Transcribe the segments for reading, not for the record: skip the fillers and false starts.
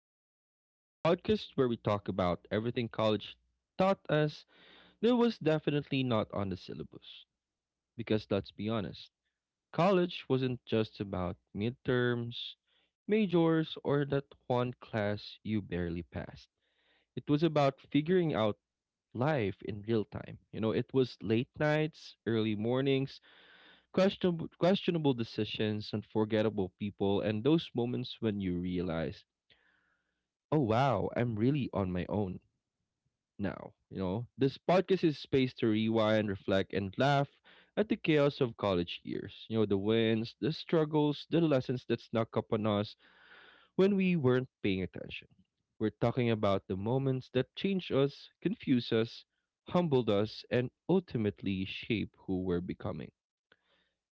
a Degree, the podcast where we talk about everything college taught us that was definitely not on the syllabus. Because let's be honest, college wasn't just about midterms, majors, or that one class you barely passed. It was about figuring out life in real time. It was late nights, early mornings, questionable decisions, unforgettable people, and those moments when you realize oh wow, I'm really on my own now. You know, this podcast is space to rewind, reflect, and laugh at the chaos of college years. You know, the wins, the struggles, the lessons that snuck up on us when we weren't paying attention. We're talking about the moments that changed us, confused us, humbled us, and ultimately shape who we're becoming.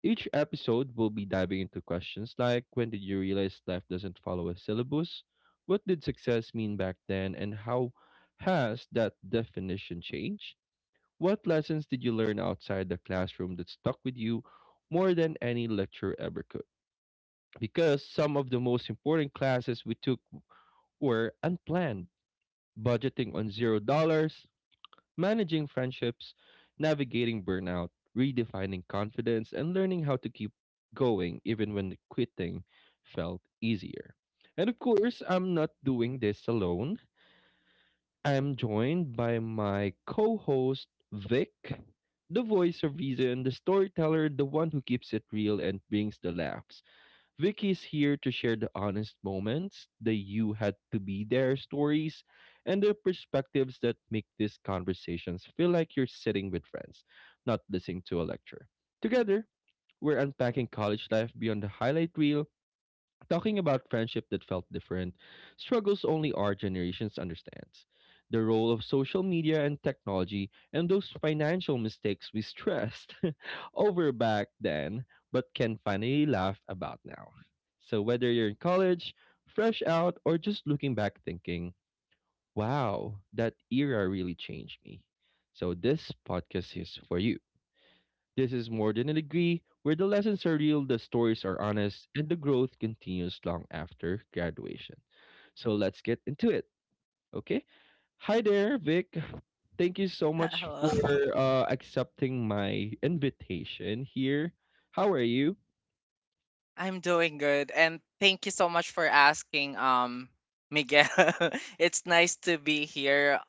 Each episode will be diving into questions like when did you realize life doesn't follow a syllabus? What did success mean back then? And how has that definition changed? What lessons did you learn outside the classroom that stuck with you more than any lecture ever could? Because some of the most important classes we took were unplanned budgeting on $0, managing friendships, navigating burnout, redefining confidence, and learning how to keep going even when quitting felt easier. And of course, I'm not doing this alone. I'm joined by my co host, Vic, the voice of reason, the storyteller, the one who keeps it real and brings the laughs. Vicky is here to share the honest moments, the you had to be there stories, and the perspectives that make these conversations feel like you're sitting with friends, not listening to a lecture. Together, we're unpacking college life beyond the highlight reel talking about friendship that felt different, struggles only our generations understands, the role of social media and technology, and those financial mistakes we stressed over back then, but can finally laugh about now. So whether you're in college, fresh out, or just looking back thinking, wow, that era really changed me. So this podcast is for you. This is more than a degree, where the lessons are real, the stories are honest, and the growth continues long after graduation. So let's get into it, okay? Hi there, Vic. Thank you so much Hello. for accepting my invitation here. How are you? I'm doing good, and thank you so much for asking, Miguel. It's nice to be here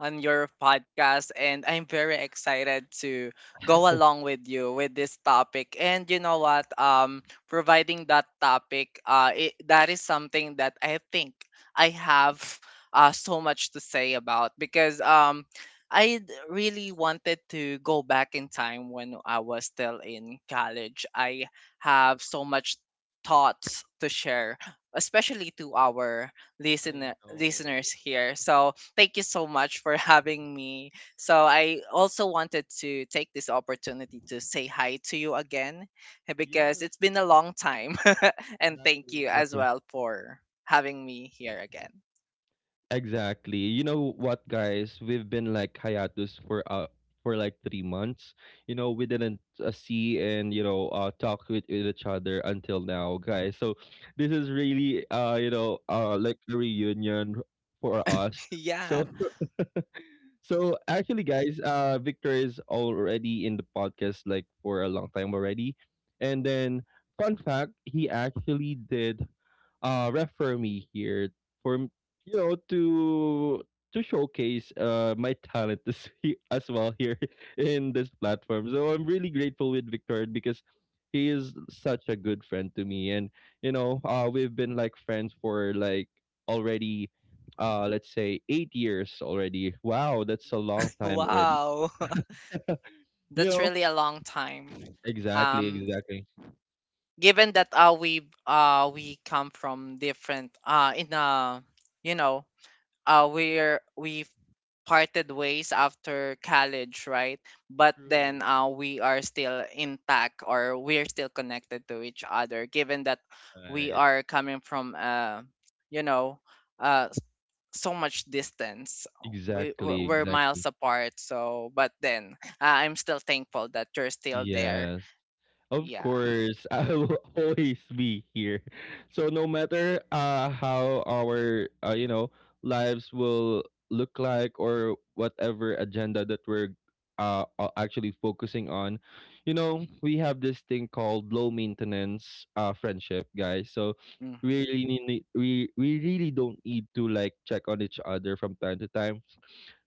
on your podcast, and I'm very excited to go along with you with this topic. And you know what? Providing that topic, that is something that I think I have so much to say about because. I really wanted to go back in time when I was still in college. I have so much thoughts to share, especially to our I listener know. listeners here. So thank you so much for having me. So I also wanted to take this opportunity to say hi to you again, because Yes, it's been a long time. And thank exactly, you as exactly. well for having me here again. Exactly. You know what, guys? We've been like hiatus for like 3 months. You know, we didn't see and you know, talk with each other until now, guys. So this is really you know like a reunion for us. Yeah. So so actually, guys, Victor is already in the podcast like for a long time already, and then fun fact, he actually did refer me here for you know to showcase my talent as, as well here in this platform. So I'm really grateful with Victor because he is such a good friend to me, and you know we've been like friends for like already let's say 8 years already. Wow, that's a long time already. Wow. You That's know? really a long time. Exactly, Um exactly. Given that we come from different, in a you know we're we parted ways after college, right? But then True. We are still intact, or we're still connected to each other given that we Right. are coming from, you know uh s- so much distance. Exactly, We're exactly. miles apart, so but then I'm still thankful that you're still there. Yes. Of Yeah. course, I will always be here. So no matter how our you know lives will look like or whatever agenda that we're actually focusing on, you know we have this thing called low maintenance friendship, guys. So Hmm. we we really don't need to like check on each other from time to time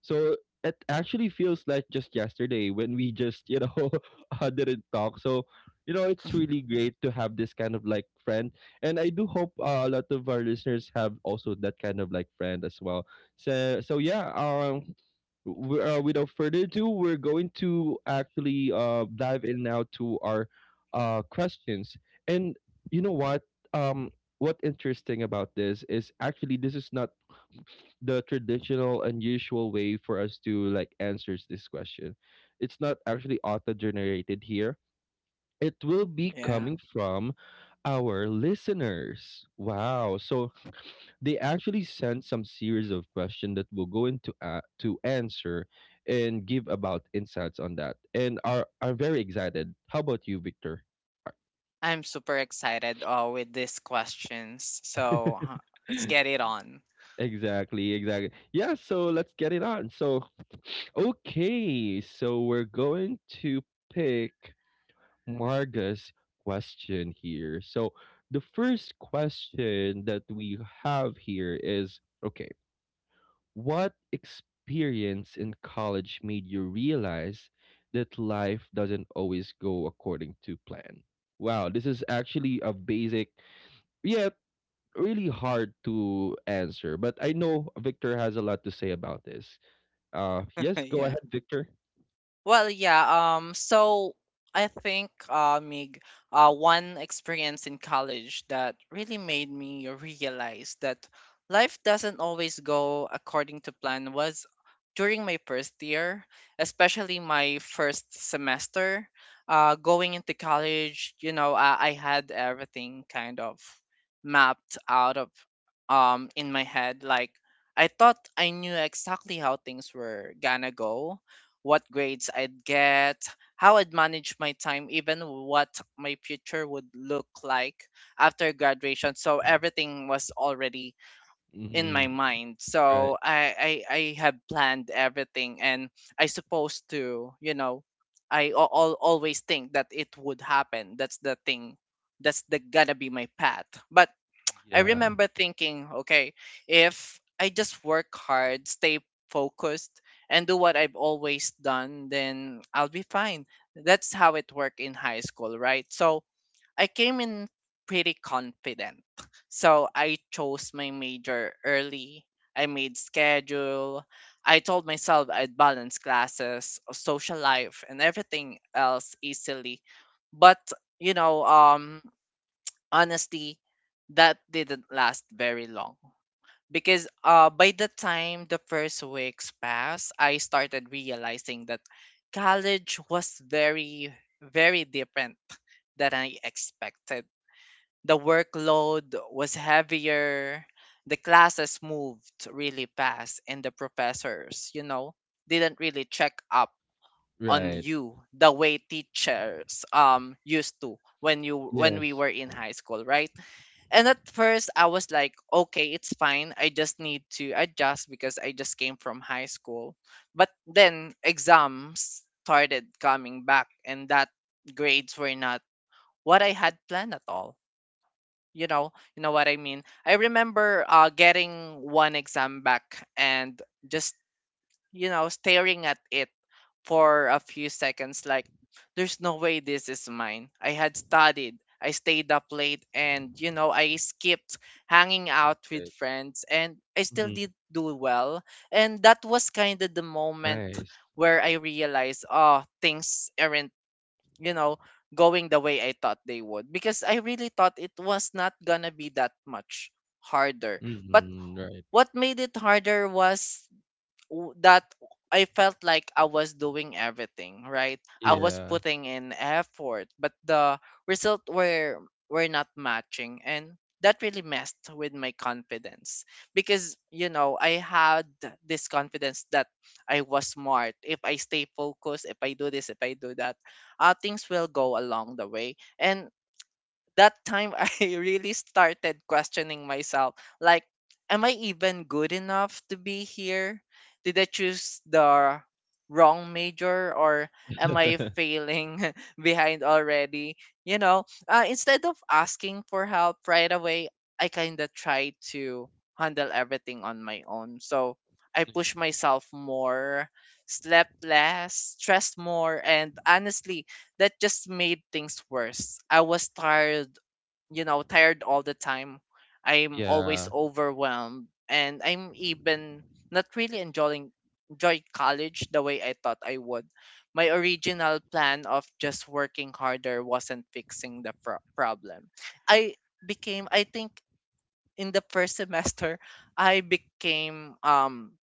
so it actually feels like just yesterday when we just, you know, didn't talk. So, you know, it's really great to have this kind of like friend. And I do hope a lot of our listeners have also that kind of like friend as well. So, so yeah, without further ado, we're going to actually dive in now to our questions. And you know what? Um, what interesting about this is actually this is not the traditional unusual way for us to like answers this question, it's not actually auto generated here, it will be Yeah. coming from our listeners. Wow. So they actually sent some series of questions that we'll go into to answer and give about insights on that, and are very excited. How about you, Victor? I'm super excited with these questions. So let's get it on. Exactly, exactly. Yeah, so let's get it on. So, okay, so we're going to pick Marga's question here. So, the first question that we have here is okay, what experience in college made you realize that life doesn't always go according to plan? Wow, this is actually a basic, yeah, really hard to answer, but I know Victor has a lot to say about this. Yes, go Yeah. ahead, Victor. Well, yeah. So I think, Mig, one experience in college that really made me realize that life doesn't always go according to plan was during my first year, especially my first semester. Going into college, you know, I had everything kind of mapped out of in my head. Like, I thought I knew exactly how things were gonna go, what grades I'd get, how I'd manage my time, even what my future would look like after graduation. So everything was already in my Mm-hmm. mind. Right. So I have planned everything, and I supposed to, you know. I always think that it would happen. That's the thing. That's the gonna be my path. But I Yeah. remember thinking, okay, if I just work hard, stay focused, and do what I've always done, then I'll be fine. That's how it worked in high school, right? So I came in pretty confident. So I chose my major early. I made schedule. I told myself I'd balance classes, social life, and everything else easily. But, you know, honestly, that didn't last very long because, by the time the first weeks passed, I started realizing that college was very, very different than I expected. The workload was heavier, the classes moved really fast, and the professors, you know, didn't really check up on Right. you the way teachers used to when we Yes. were in high school, right? And at first, I was like, okay, it's fine. I just need to adjust because I just came from high school. But then exams started coming back, and that grades were not what I had planned at all. You know what I mean. I remember, getting one exam back and just, you know, staring at it for a few seconds, like, there's no way this is mine. I had studied, I stayed up late, and, you know, I skipped hanging out Right. with friends, and I still Mm-hmm. did do well. And that was kind of the moment Nice. where I realized, oh, things aren't, you know, going the way I thought they would. Because I really thought it was not gonna be that much harder. But Mm-hmm. Right. what made it harder was that I felt like I was doing everything, right? I was Yeah. putting in effort, but the result were not matching, and that really messed with my confidence because, you know, I had this confidence that I was smart. If I stay focused, if I do this, if I do that, things will go along the way. And that time I really started questioning myself. Like, am I even good enough to be here? Did I choose the wrong major, or am I failing behind already? You know, instead of asking for help right away, I kind of try to handle everything on my own. So I push myself more, slept less, stressed more, and honestly, that just made things worse. I was tired, you know, tired all the time. I'm always Yeah. overwhelmed, and I'm even not really enjoying enjoy college the way I thought I would. My original plan of just working harder wasn't fixing the problem. I became, I think, in the first semester, I became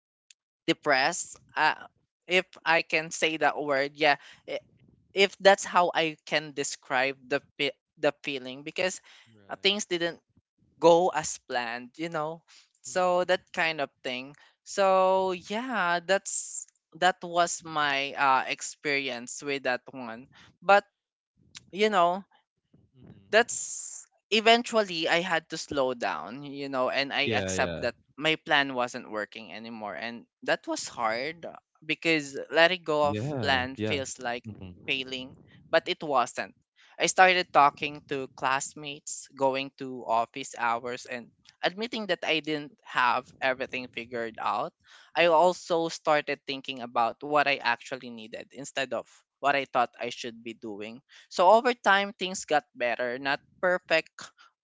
depressed, if I can say that word. Yeah. i- if that's how I can describe the the feeling, because, things Right. didn't go as planned, you know, so Mm-hmm. that kind of thing. So, yeah, that's, that was my experience with that one. But, you know, Mm-hmm. that's, eventually I had to slow down, you know, and I Yeah. accept Yeah. that my plan wasn't working anymore. And that was hard because letting go of Yeah. plan Yeah. feels like Mm-hmm. failing, but it wasn't. I started talking to classmates, going to office hours, and admitting that I didn't have everything figured out. I also started thinking about what I actually needed instead of what I thought I should be doing. So over time, things got better, not perfect,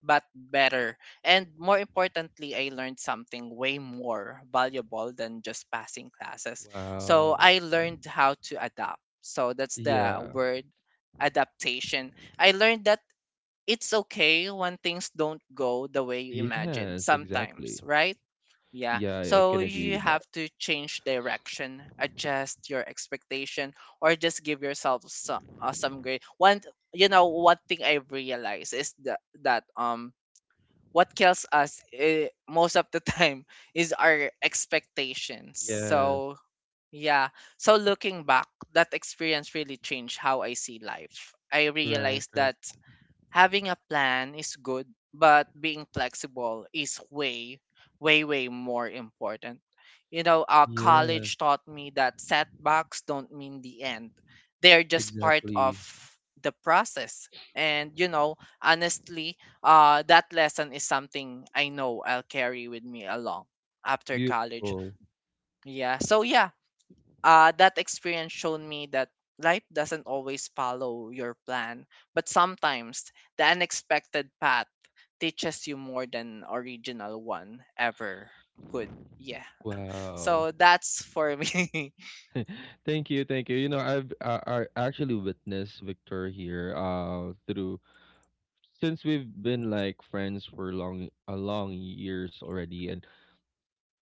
but better. And more importantly, I learned something way more valuable than just passing classes. So Wow. I learned how to adapt. So that's the Yeah. word: adaptation. I learned that it's okay when things don't go the way you imagined Yes. sometimes, Exactly. right? Yeah. Yeah. I So can agree you with that. have to change direction, adjust your expectation, or just give yourself some grace. One, you know, one thing I realize is that what kills us, most of the time, is our expectations. Yes. So, yeah. So looking back, that experience really changed how I see life. I Right. realized Right. that having a plan is good, but being flexible is way, way, way more important. You know, Yes. college taught me that setbacks don't mean the end, they're just part of Exactly. the process. And, you know, honestly, that lesson is something I know I'll carry with me along after college. Beautiful. Yeah. So, yeah, that experience showed me that life doesn't always follow your plan, but sometimes the unexpected path teaches you more than original one ever could. Yeah. Wow. So that's for me. Thank you, thank you. I actually witnessed Victor here through since we've been like friends for long a long years already, and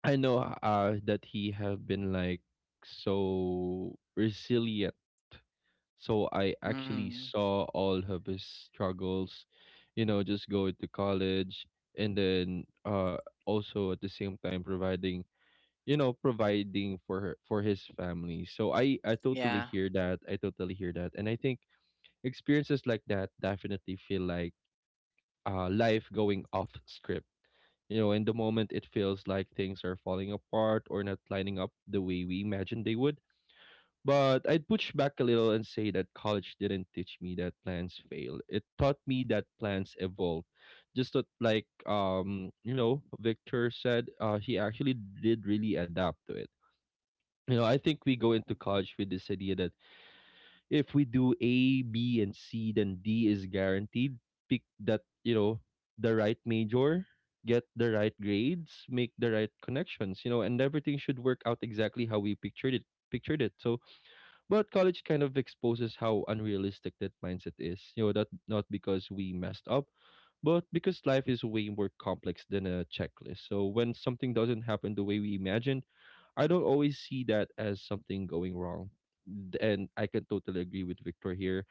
I know that he have been like so resilient. So I actually Mm, saw all of his struggles, you know, just going to college and then also at the same time providing you know providing for her for his family, so I totally yeah. hear that, I totally hear that, and I think experiences like that definitely feel like life going off script. You know, in the moment it feels like things are falling apart or not lining up the way we imagined they would, but I'd push back a little and say that college didn't teach me that plans fail, it taught me that plans evolve. Just that, like you know Victor said, he actually did really adapt to it. You know, I think we go into college with this idea that if we do A, B, and C, then D is guaranteed. Pick that, you know, the right major, get the right grades, make the right connections, you know, and everything should work out exactly how we pictured it. Pictured it. So, but college kind of exposes how unrealistic that mindset is. You know, that not because we messed up, but because life is way more complex than a checklist. So when something doesn't happen the way we imagined, I don't always see that as something going wrong. And I can totally agree with Victor here.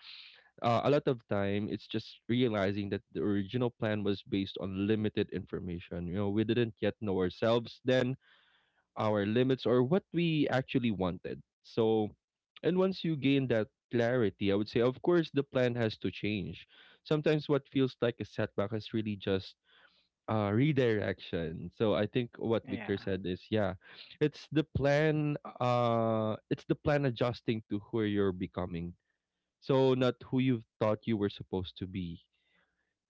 A lot of time, it's just realizing that the original plan was based on limited information. You know, we didn't yet know ourselves then, our limits, or what we actually wanted. So, and once you gain that clarity, I would say, of course, the plan has to change. Sometimes what feels like a setback is really just redirection. So I think what Victor Yeah. said is, yeah, it's the plan adjusting to who you're becoming, so not who you thought you were supposed to be,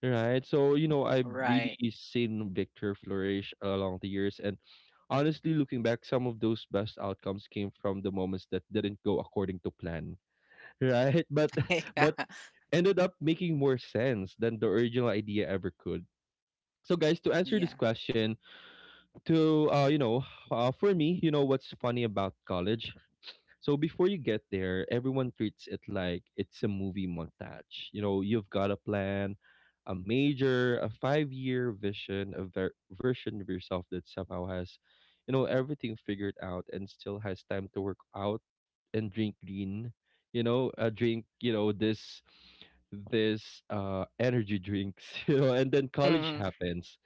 right? So you know I've really Right. seen Victor flourish along the years, and honestly looking back some of those best outcomes came from the moments that didn't go according to plan right, Yeah. but ended up making more sense than the original idea ever could. So guys, to answer Yeah. this question, to you know for me, you know what's funny about college, so before you get there everyone treats it like it's a movie montage. You know, you've got a plan, a major, a 5-year vision, a version of yourself that somehow has you know everything figured out and still has time to work out and drink green you know drink you know this energy drinks you know, and then college Mm. happens.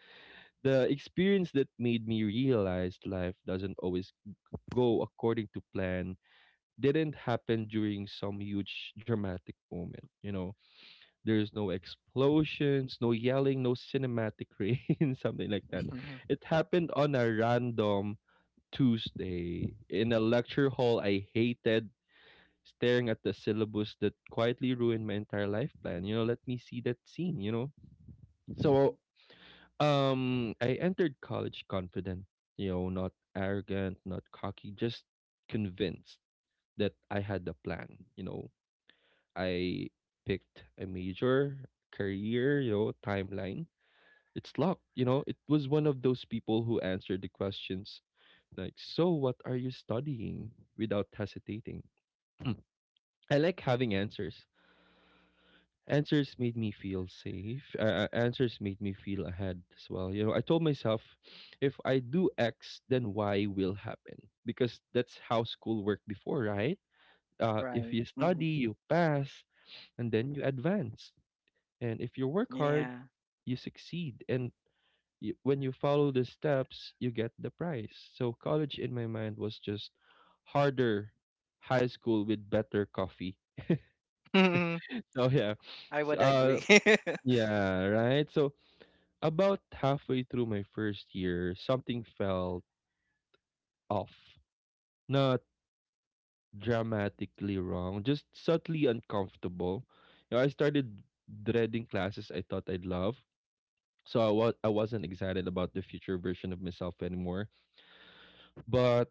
The experience that made me realize life doesn't always go according to plan didn't happen during some huge dramatic moment. You know, there's no explosions, no yelling, no cinematic rain, something like that. Mhm. It happened on a random Tuesday in a lecture hall I hated, staring at the syllabus that quietly ruined my entire life plan. You know, let me see that scene, you know? So um, I entered college confident, you know, not arrogant, not cocky, just convinced that I had a plan. You know, I picked a major, career, you know, timeline. It's locked, you know. It was one of those people who answered the questions like, "So, what are you studying?" without hesitating. I like having answers. Answers made me feel safe. Answers made me feel ahead as well. You know, I told myself, if I do X, then Y will happen because that's how school worked before, right? If Right. you Mhm. study, you pass, and then you advance. And if you work hard, Yeah. you succeed. And you, when you follow the steps, you get the prize. So college in my mind was just harder high school with better coffee. Mhm. So yeah, I S- would uh, agree. yeah, right. So about halfway through my first year, something felt off. Not dramatically wrong, just subtly uncomfortable. You know, I started dreading classes I thought I'd love. So I wasn't excited about the future version of myself anymore. But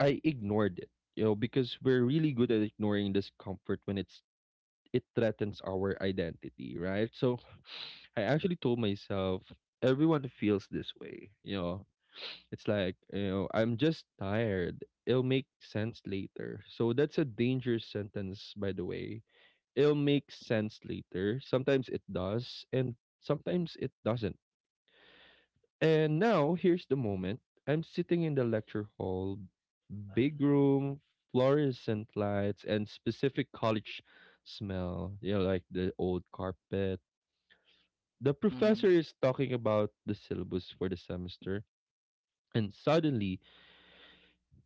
I ignored it, you know, because we're really good at ignoring discomfort when it threatens our identity, right? So I actually told myself, everyone feels this way, you know. It's like, you know, I'm just tired. It'll make sense later. So that's a dangerous sentence, by the way. It'll make sense later. Sometimes it does, and sometimes it doesn't, and now here's the moment. I'm sitting in the lecture hall, big room, fluorescent lights, and specific college smell. You know, like the old carpet. The Mhm. professor is talking about the syllabus for the semester, and suddenly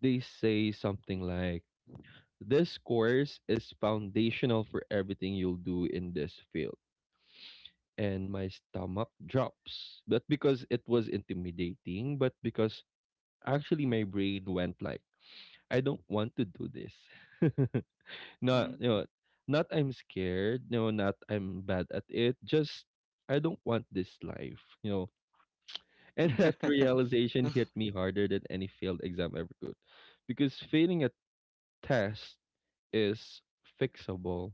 they say something like, "This course is foundational for everything you'll do in this field." And my stomach drops, but because it was intimidating, but because actually my brain went like, I don't want to do this. not Mhm. you know, not I'm scared, no, not I'm bad at it. Just I don't want this life, you know. And that realization hit me harder than any failed exam ever could. Because failing a test is fixable.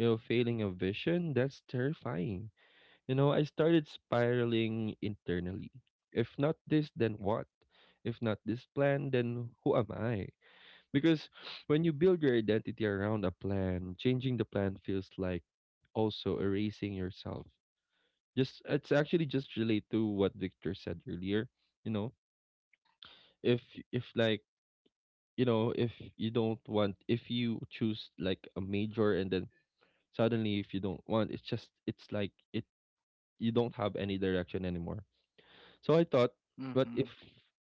You know, failing a vision, that's terrifying. You know, I started spiraling internally. If not this, then what? If not this plan, then who am I? Because when you build your identity around a plan, changing the plan feels like also erasing yourself. Just it's actually just relate to what Victor said earlier. You know, if if like if you don't want, if you choose like a major and then suddenly if you don't want, it's just it's like it you don't have any direction anymore. So I thought, what if Mhm.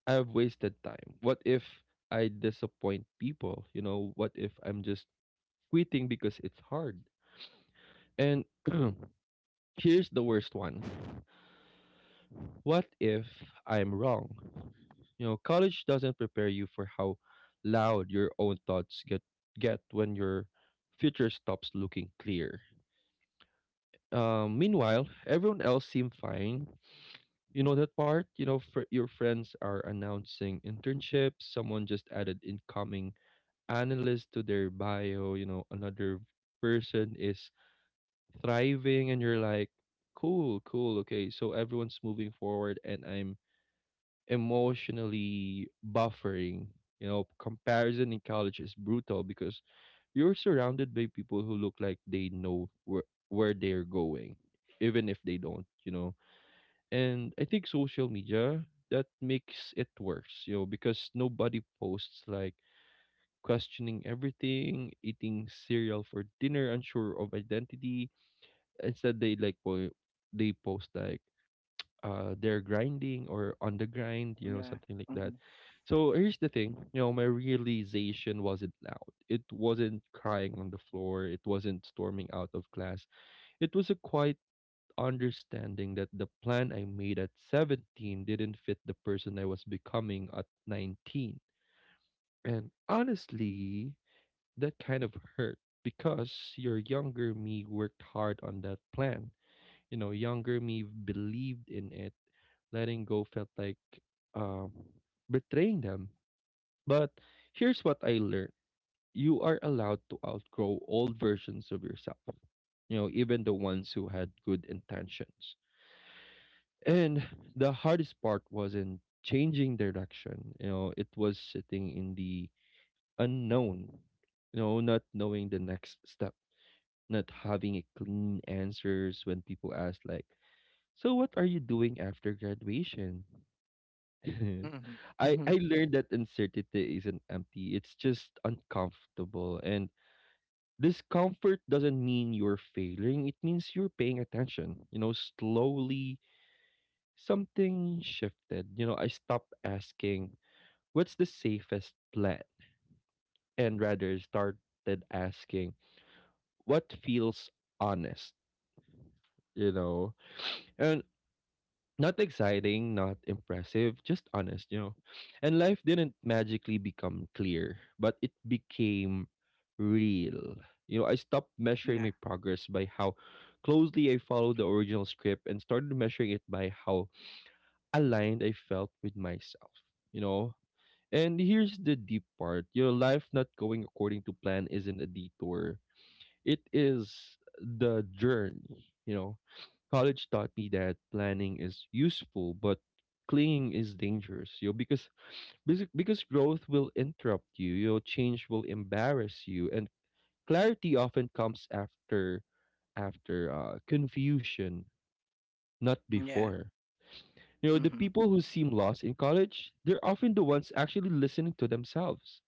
I've wasted time? What if I disappoint people? You know, what if I'm just quitting because it's hard. And here's the worst one. What if I'm wrong? You know, college doesn't prepare you for how loud your own thoughts get when your future stops looking clear. Meanwhile, everyone else seem fine. You know that part? You know, your friends are announcing internships. Someone just added incoming analyst to their bio. You know, another person is thriving and you're like, cool, okay, so everyone's moving forward and I'm emotionally buffering. You know, comparison in college is brutal because you're surrounded by people who look like they know where they're going, even if they don't, you know. And I think social media, that makes it worse, you know, because nobody posts like questioning everything, eating cereal for dinner, unsure of identity. Instead they they post like, they're grinding or on the grind, you know, Yeah. something like that. Mm-hmm. So here's the thing, you know, my realization wasn't loud. It wasn't crying on the floor. It wasn't storming out of class. It was a quiet understanding that the plan I made at 17 didn't fit the person I was becoming at 19. And honestly, that kind of hurt because your younger me worked hard on that plan. You know, younger me believed in it. Letting go felt like, um betraying them. But here's what I learned. You are allowed to outgrow old versions of yourself, you know, even the ones who had good intentions. And the hardest part wasn't changing direction. You know, it was sitting in the unknown, you know, not knowing the next step, not having a clean answers when people ask like, so what are you doing after graduation? Mm-hmm. I Mm-hmm. I learned that uncertainty isn't empty. It's just uncomfortable, and discomfort doesn't mean you're failing. It means you're paying attention. You know, slowly something shifted. You know, I stopped asking, what's the safest plan, and rather started asking, what feels honest, you know. And not exciting, not impressive, just honest, you know. And life didn't magically become clear, but it became real. You know, I stopped measuring Yeah. my progress by how closely I followed the original script and started measuring it by how aligned I felt with myself, you know. And here's the deep part. You know, life not going according to plan isn't a detour, it is the journey, you know. College taught me that planning is useful, but clinging is dangerous, you know, because because growth will interrupt you, you know, change will embarrass you, and clarity often comes after confusion, not Yeah. before. You know, the Mm-hmm. people who seem lost in college, they're often the ones actually listening to themselves.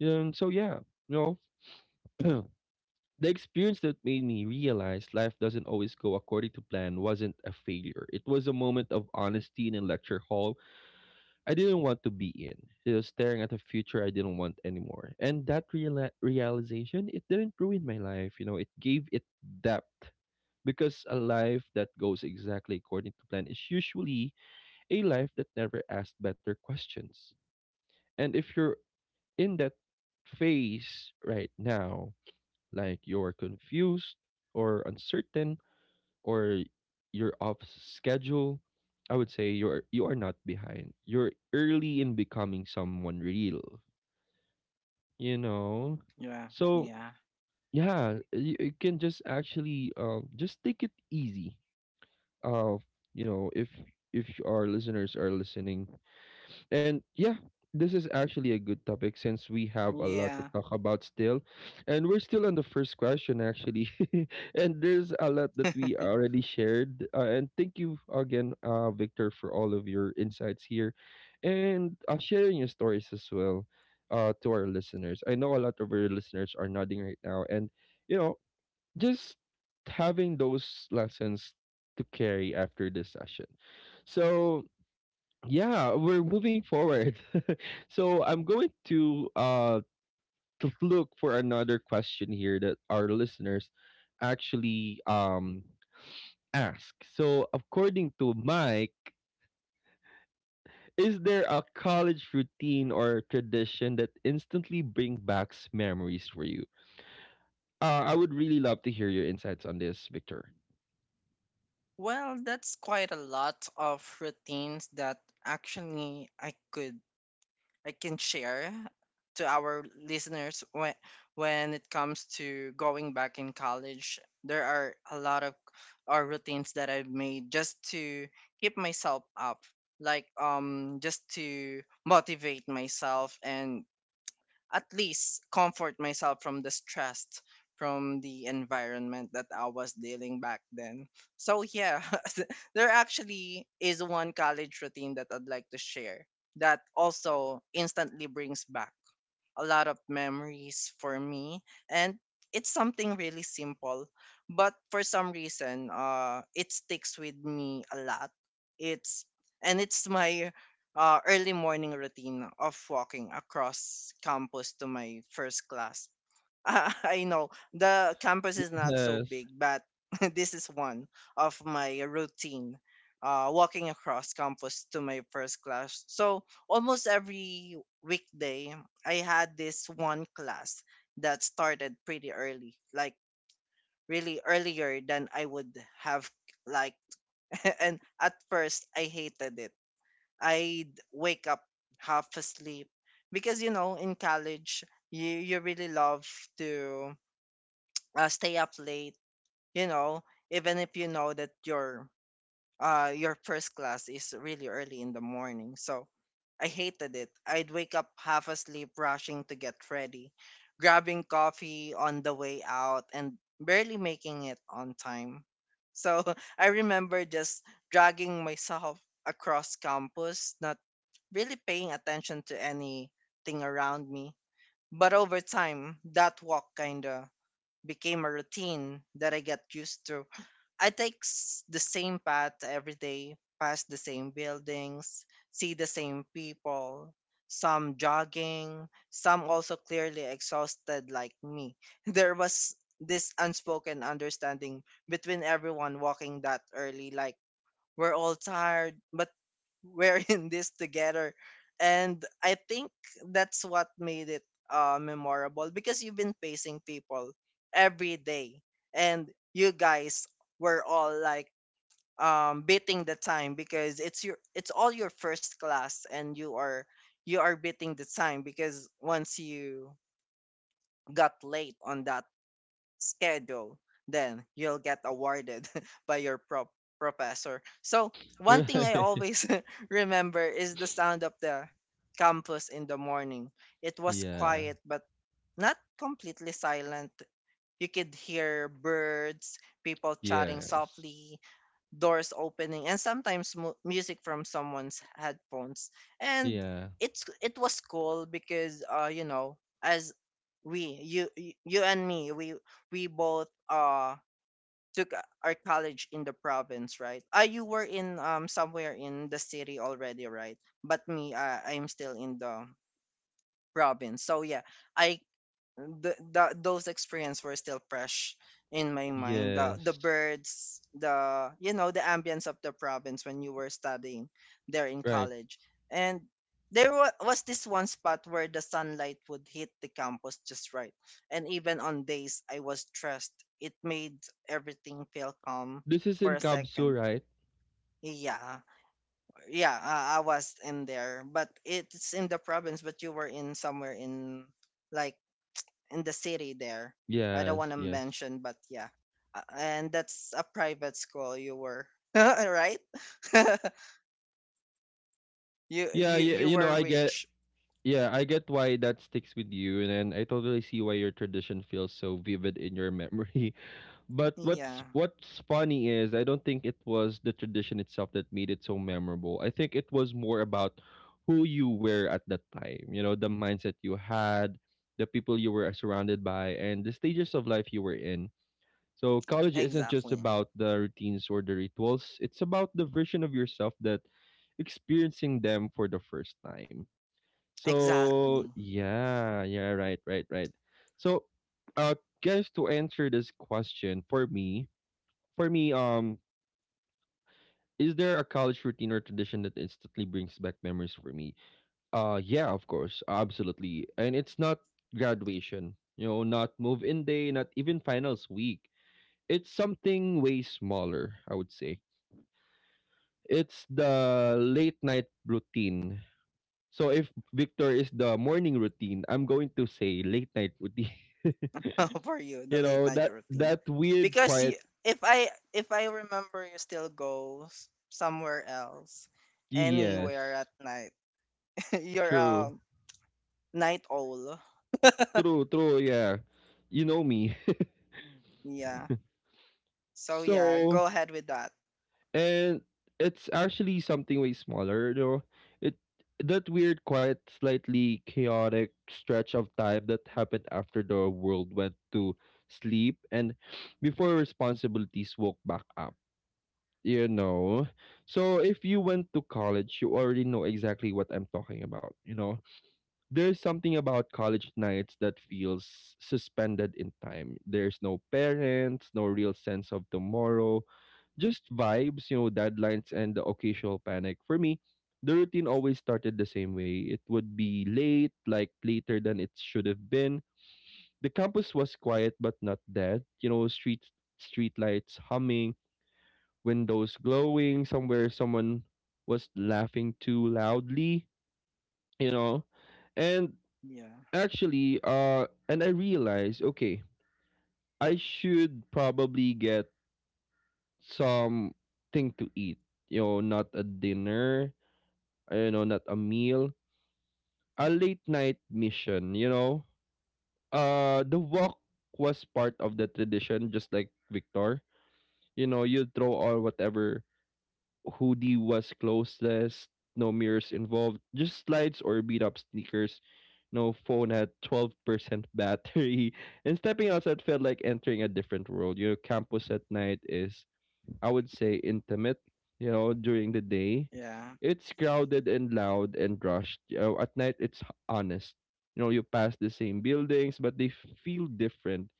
You know, and so yeah, you know. The experience that made me realize life doesn't always go according to plan wasn't a failure. It was a moment of honesty in a lecture hall I didn't want to be in. It was staring at a future I didn't want anymore. And that realization, it didn't ruin my life. You know, it gave it depth. Because a life that goes exactly according to plan is usually a life that never asks better questions. And if you're in that phase right now, like you're confused or uncertain or you're off schedule, I would say you are not behind. You're early in becoming someone real, you know? Yeah. So, Yeah. yeah, you can just actually just take it easy. Uh, you know, if our listeners are listening. And yeah, this is actually a good topic since we have a lot to Yeah. talk about still. And we're still on the first question, actually. And there's a lot that we already shared. And thank you again, Victor, for all of your insights here and sharing your stories as well, to our listeners. I know a lot of our listeners are nodding right now. And, you know, just having those lessons to carry after this session. So yeah, we're moving forward. So I'm going to look for another question here that our listeners actually ask. So according to Mike, is there a college routine or tradition that instantly bring back memories for you? I would really love to hear your insights on this, Victor. Well, that's quite a lot of routines that actually I can share to our listeners when it comes to going back in college. There are a lot of routines that I've made just to keep myself up, like, just to motivate myself and at least comfort myself from the stress, from the environment that I was dealing back then. So, yeah, there actually is one college routine that I'd like to share that also instantly brings back a lot of memories for me, and it's something really simple, but for some reason, it sticks with me a lot. it's it's my early morning routine of walking across campus to my first class. I know the campus is not so Yes. big, but this is one of my routine. Walking across campus to my first class. So almost every weekday, I had this one class that started pretty early, like really earlier than I would have like. And at first, I hated it. I'd wake up half asleep because, you know, in college, you really love to, stay up late, you know, even if you know that your, your first class is really early in the morning. So I hated it. I'd wake up half asleep, rushing to get ready, grabbing coffee on the way out, and barely making it on time. So I remember just dragging myself across campus, not really paying attention to anything around me. But over time, that walk kind of became a routine that I get used to. I take the same path every day, past the same buildings, see the same people, some jogging, some also clearly exhausted like me. There was this unspoken understanding between everyone walking that early, like, we're all tired, but we're in this together. And I think that's what made it, memorable, because you've been facing people every day. And you guys were all like, beating the time because it's all your first class, and you are, you are beating the time because once you got late on that schedule, then you'll get awarded by your professor. So, one thing I Right. always remember is the sound of the campus in the morning. It was Yeah. quiet, but not completely silent. You could hear birds, people chatting Yes. softly, doors opening and sometimes music from someone's headphones and Yeah. it was cool because you know as we you you you and me we both took our college in the province, right? You were in somewhere in the city already, right? But me, I'm still in the province, so yeah, i that those experiences were still fresh in my mind, the Yes. birds, the, you know, the ambience of the province when you were studying there in Right. college. And there was this one spot where the sunlight would hit the campus just right, and even on days I was stressed, it made everything feel calm This is for in a Kabsu, second. right? Yeah. Yeah, I was in there, but it's in the province, but you were in somewhere in, like, in the city there. I don't want Yes. to Yes. mention, but yeah. And that's a private school you were, right? you Yeah. you Yeah. you You know, were I get. rich. Yeah, I get why that sticks with you, and I totally see why your tradition feels so vivid in your memory. But what's Yeah, what's funny is I don't think it was the tradition itself that made it so memorable. I think it was more about who you were at that time. You know, the mindset you had, the people you were surrounded by, and the stages of life you were in. So college isn't just exactly. about the routines or the rituals. It's about the version of yourself that experiencing them for the first time. So Exactly. yeah, yeah, right, right, right. So uh guys, to answer this question for me, is there a college routine or tradition that instantly brings back memories for me? Yeah, of course, absolutely. And it's not graduation, you know, not move in day, not even finals week. It's something way smaller, I would say. It's the late night routine. So if Victor is the morning routine, I'm going to say late night routine. For you, the You late know, night that routine. that weird Because quiet, you, if I remember, you still go somewhere else, anywhere yes. at night. You're True. a night owl. True, true, yeah. You know me. Yeah. So yeah, So, go ahead with that. and it's actually something way smaller, though. It That weird quiet, slightly chaotic stretch of time that happened after the world went to sleep and before responsibilities woke back up. You know, so if you went to college, you already know exactly what I'm talking about. You know, there's something about college nights that feels suspended in time. There's no parents, no real sense of tomorrow, just vibes, you know, deadlines and the occasional panic. For me, the routine always started the same way. It would be late, like later than it should have been. The campus was quiet but not dead. You know, street lights humming, windows glowing, somewhere someone was laughing too loudly, you know. And Yeah. actually, and I realized, okay, I should probably get something to eat. You know, not a dinner, you know, not a meal, a late night mission, you know. The walk was part of the tradition, just like Victor. You know, you throw all whatever hoodie was closeless, no mirrors involved, just slides or beat up sneakers, no phone at 12% battery. And stepping outside felt like entering a different world. You know, campus at night is, I would say, intimate, you know, during the day. Yeah. It's crowded and loud and rushed. You know, at night, it's honest. You know, you pass the same buildings, but they feel different,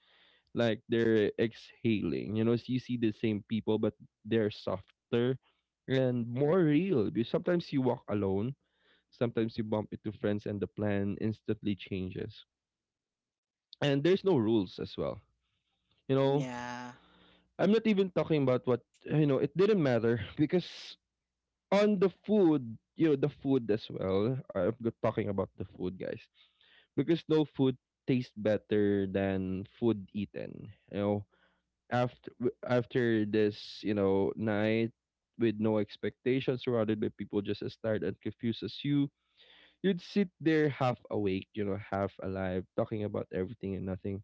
like they're exhaling. You know, so you see the same people, but they're softer and more real. Because sometimes you walk alone, sometimes you bump into friends, and the plan instantly changes. And there's no rules as well. You know, Yeah. I'm not even talking about what you know. It didn't matter because on the food, you know, the food as well. I'm talking about the food, guys, because no food tastes better than food eaten. You know, after after this, you know, night with no expectations, surrounded by people just as tired and confused as you. You'd sit there half awake, you know, half alive, talking about everything and nothing.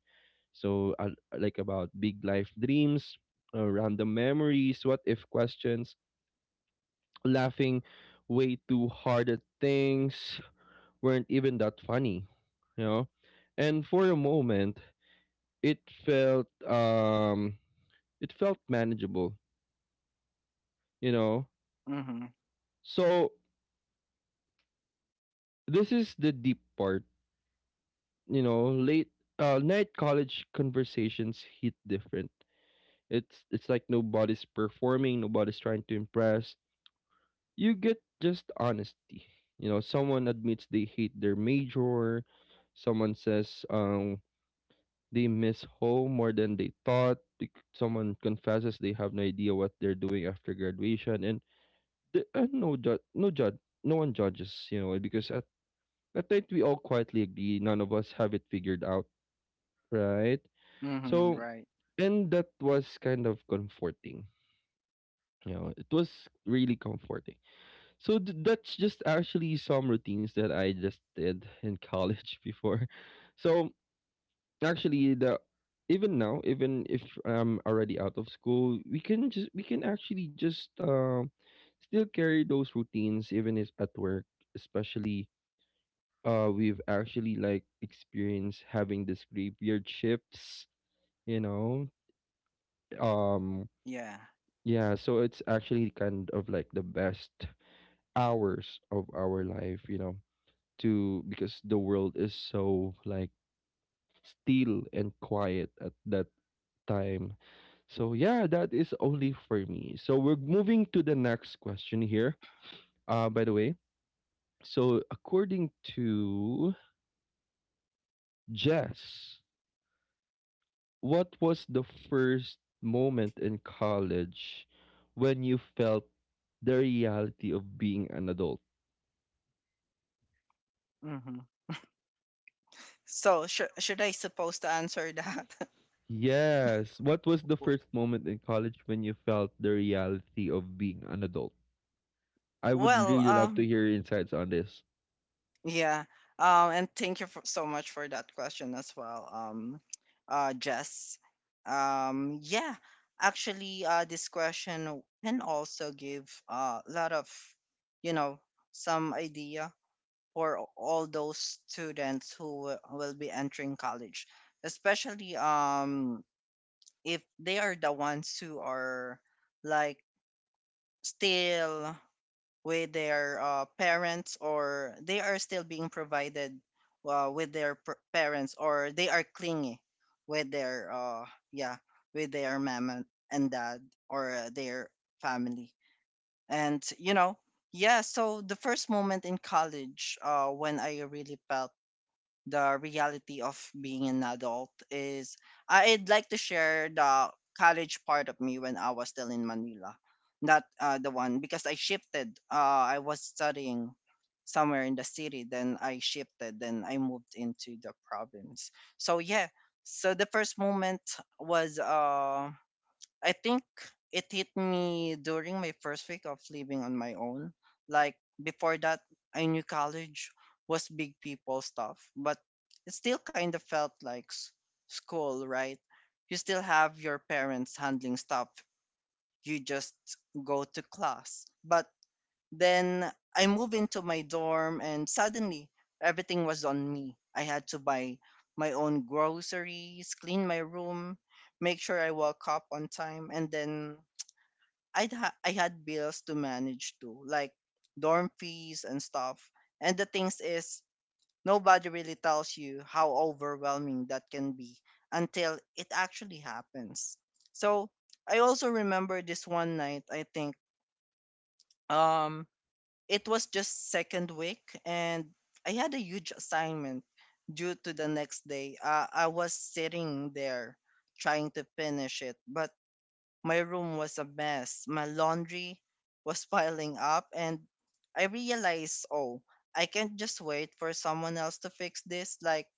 so uh, like about big life dreams, random memories, what if questions, laughing way too hard at things weren't even that funny, you know. And for a moment, it felt it felt manageable, you know. Mm-hmm. So this is the deep part. You know, late night college conversations hit different. It's like nobody's performing, nobody's trying to impress. You get just honesty. You know, someone admits they hate their major. Someone says they miss home more than they thought. Someone confesses they have no idea what they're doing after graduation, and the, no judge, no judge, no one judges. You know, because at night, we all quietly agree none of us have it figured out, right? Mm-hmm. So, Right. and that was kind of comforting. You know, it was really comforting. So that's just actually some routines that I just did in college before. So actually, the even now, even if I'm already out of school, we can actually just still carry those routines, even if at work, especially we've actually like experienced having this graveyard shifts, you know, um Yeah. yeah. So it's actually kind of like the best hours of our life, you know, to, because the world is so like still and quiet at that time. So yeah, that is only for me. So we're moving to the next question here, uh, by the way. So according to Jess, what was the first moment in college when you felt the reality of being an adult? Mm-hmm. So should I supposed to answer that? Yes. What was the W- first moment in college when you felt the reality of being an adult? I would well, really love to um, hear your insights on this. yeah. And thank you so much for that question as well. Jess. Yeah. Actually, this question can also give a lot of, you know, some idea for all those students who will be entering college, especially if they are the ones who are, like, still with their parents, or they are still being provided with their parents, or they are clingy with their yeah with their mom and dad, or their family, and, you know, yeah. So the first moment in college, when I really felt the reality of being an adult, is I'd like to share the college part of me when I was still in Manila, not, the one, because I shifted. I was studying somewhere in the city, then I shifted, then I moved into the province. So yeah, so the first moment was, I think it hit me during my first week of living on my own. Like, before that, I knew college was big people stuff, but it still kind of felt like school, right? You still have your parents handling stuff. You just go to class. But then I moved into my dorm, and suddenly everything was on me. I had to buy my own groceries, clean my room, make sure I woke up on time, and then I had bills to manage too, like dorm fees and stuff. And the things is, nobody really tells you how overwhelming that can be until it actually happens. So I also remember this one night, I think. Um, it was just second week and I had a huge assignment due to the next day. I was sitting there trying to finish it, but my room was a mess, my laundry was piling up, and I realized, oh, I can't just wait for someone else to fix this. Like,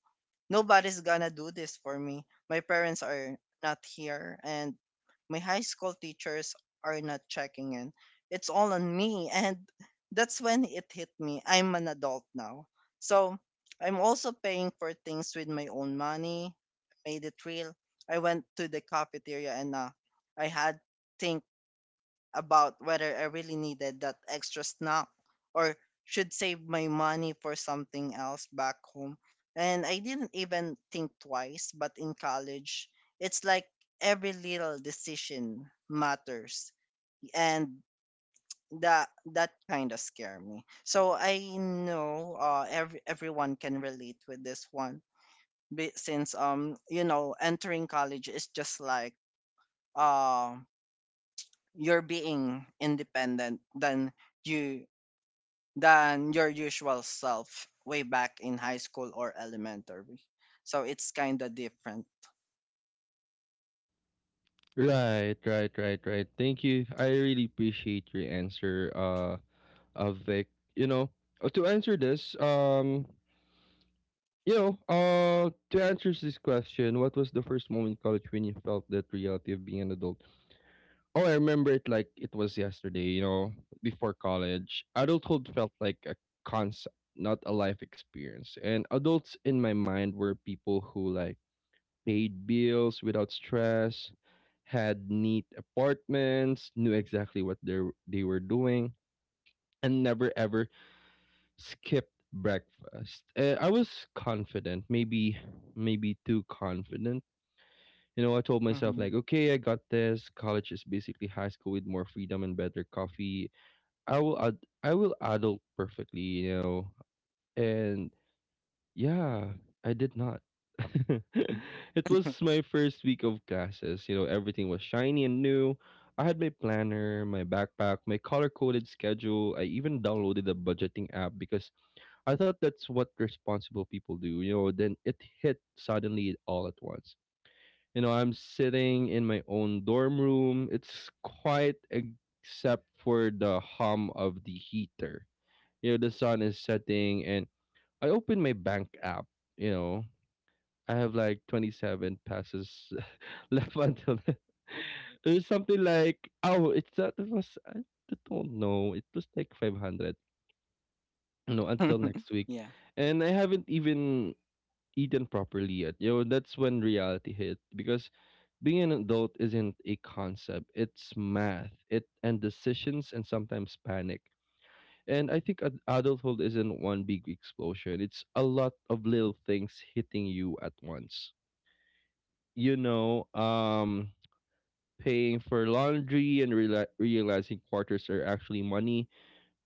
nobody's gonna do this for me. My parents are not here, and my high school teachers are not checking in. It's all on me. And that's when it hit me. I'm an adult now. So I'm also paying for things with my own money. I made it real. I went to the cafeteria and, I had think about whether I really needed that extra snack, or should save my money for something else back home. And I didn't even think twice, but in college, it's like every little decision matters. And that that kind of scare me. So I know, everyone can relate with this one, since, you know, entering college is just like, uh you're being independent than you than your usual self way back in high school or elementary. So it's kind of different. Right, right, right, right. Thank you. I really appreciate your answer, Vic. You know, uh, to answer this, um, You know, to answer this question, what was the first moment in college when you felt that reality of being an adult? Oh, I remember it like it was yesterday, you know. Before college, adulthood felt like a concept, not a life experience. And adults in my mind were people who like paid bills without stress, had neat apartments, knew exactly what they were doing, and never ever skipped breakfast. I was confident, maybe too confident. You know, I told myself Hmm. like, okay, I got this. College is basically high school with more freedom and better coffee. I will adult perfectly, you know. And yeah, I did not. It was my first week of classes. You know, everything was shiny and new. I had my planner, my backpack, my color coded schedule. I even downloaded a budgeting app because I thought that's what responsible people do, you know. Then it hit suddenly all at once. You know, I'm sitting in my own dorm room. It's quiet except for the hum of the heater. You know, the sun is setting, and I open my bank app. You know, I have like 27 passes left until then. There's something like, oh, it's that it was, I don't know, it was like 500, you know, until next Yeah, week. And I haven't even eaten properly yet. You know, that's when reality hit, because being an adult isn't a concept. It's math. It and decisions and sometimes panic. And I think adulthood isn't one big explosion. It's a lot of little things hitting you at once. You know, paying for laundry and realizing quarters are actually money,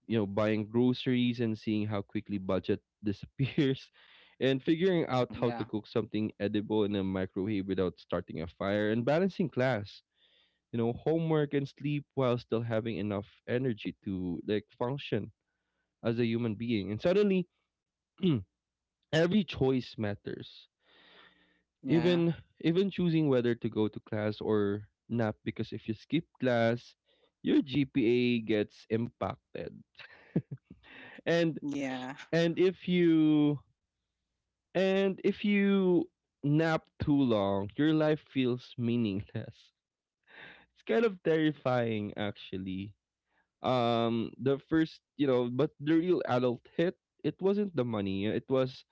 you know, buying groceries and seeing how quickly budget disappears, and figuring out how yeah, to cook something edible in a microwave without starting a fire, and balancing class, you know, homework and sleep while still having enough energy to like function as a human being. And suddenly, every choice matters. yeah, Even Even choosing whether to go to class or not, because if you skip class, your GPA gets impacted. and yeah. and if you and if you nap too long, your life feels meaningless. It's kind of terrifying actually. The first, you know, but the real adult hit, it wasn't the money,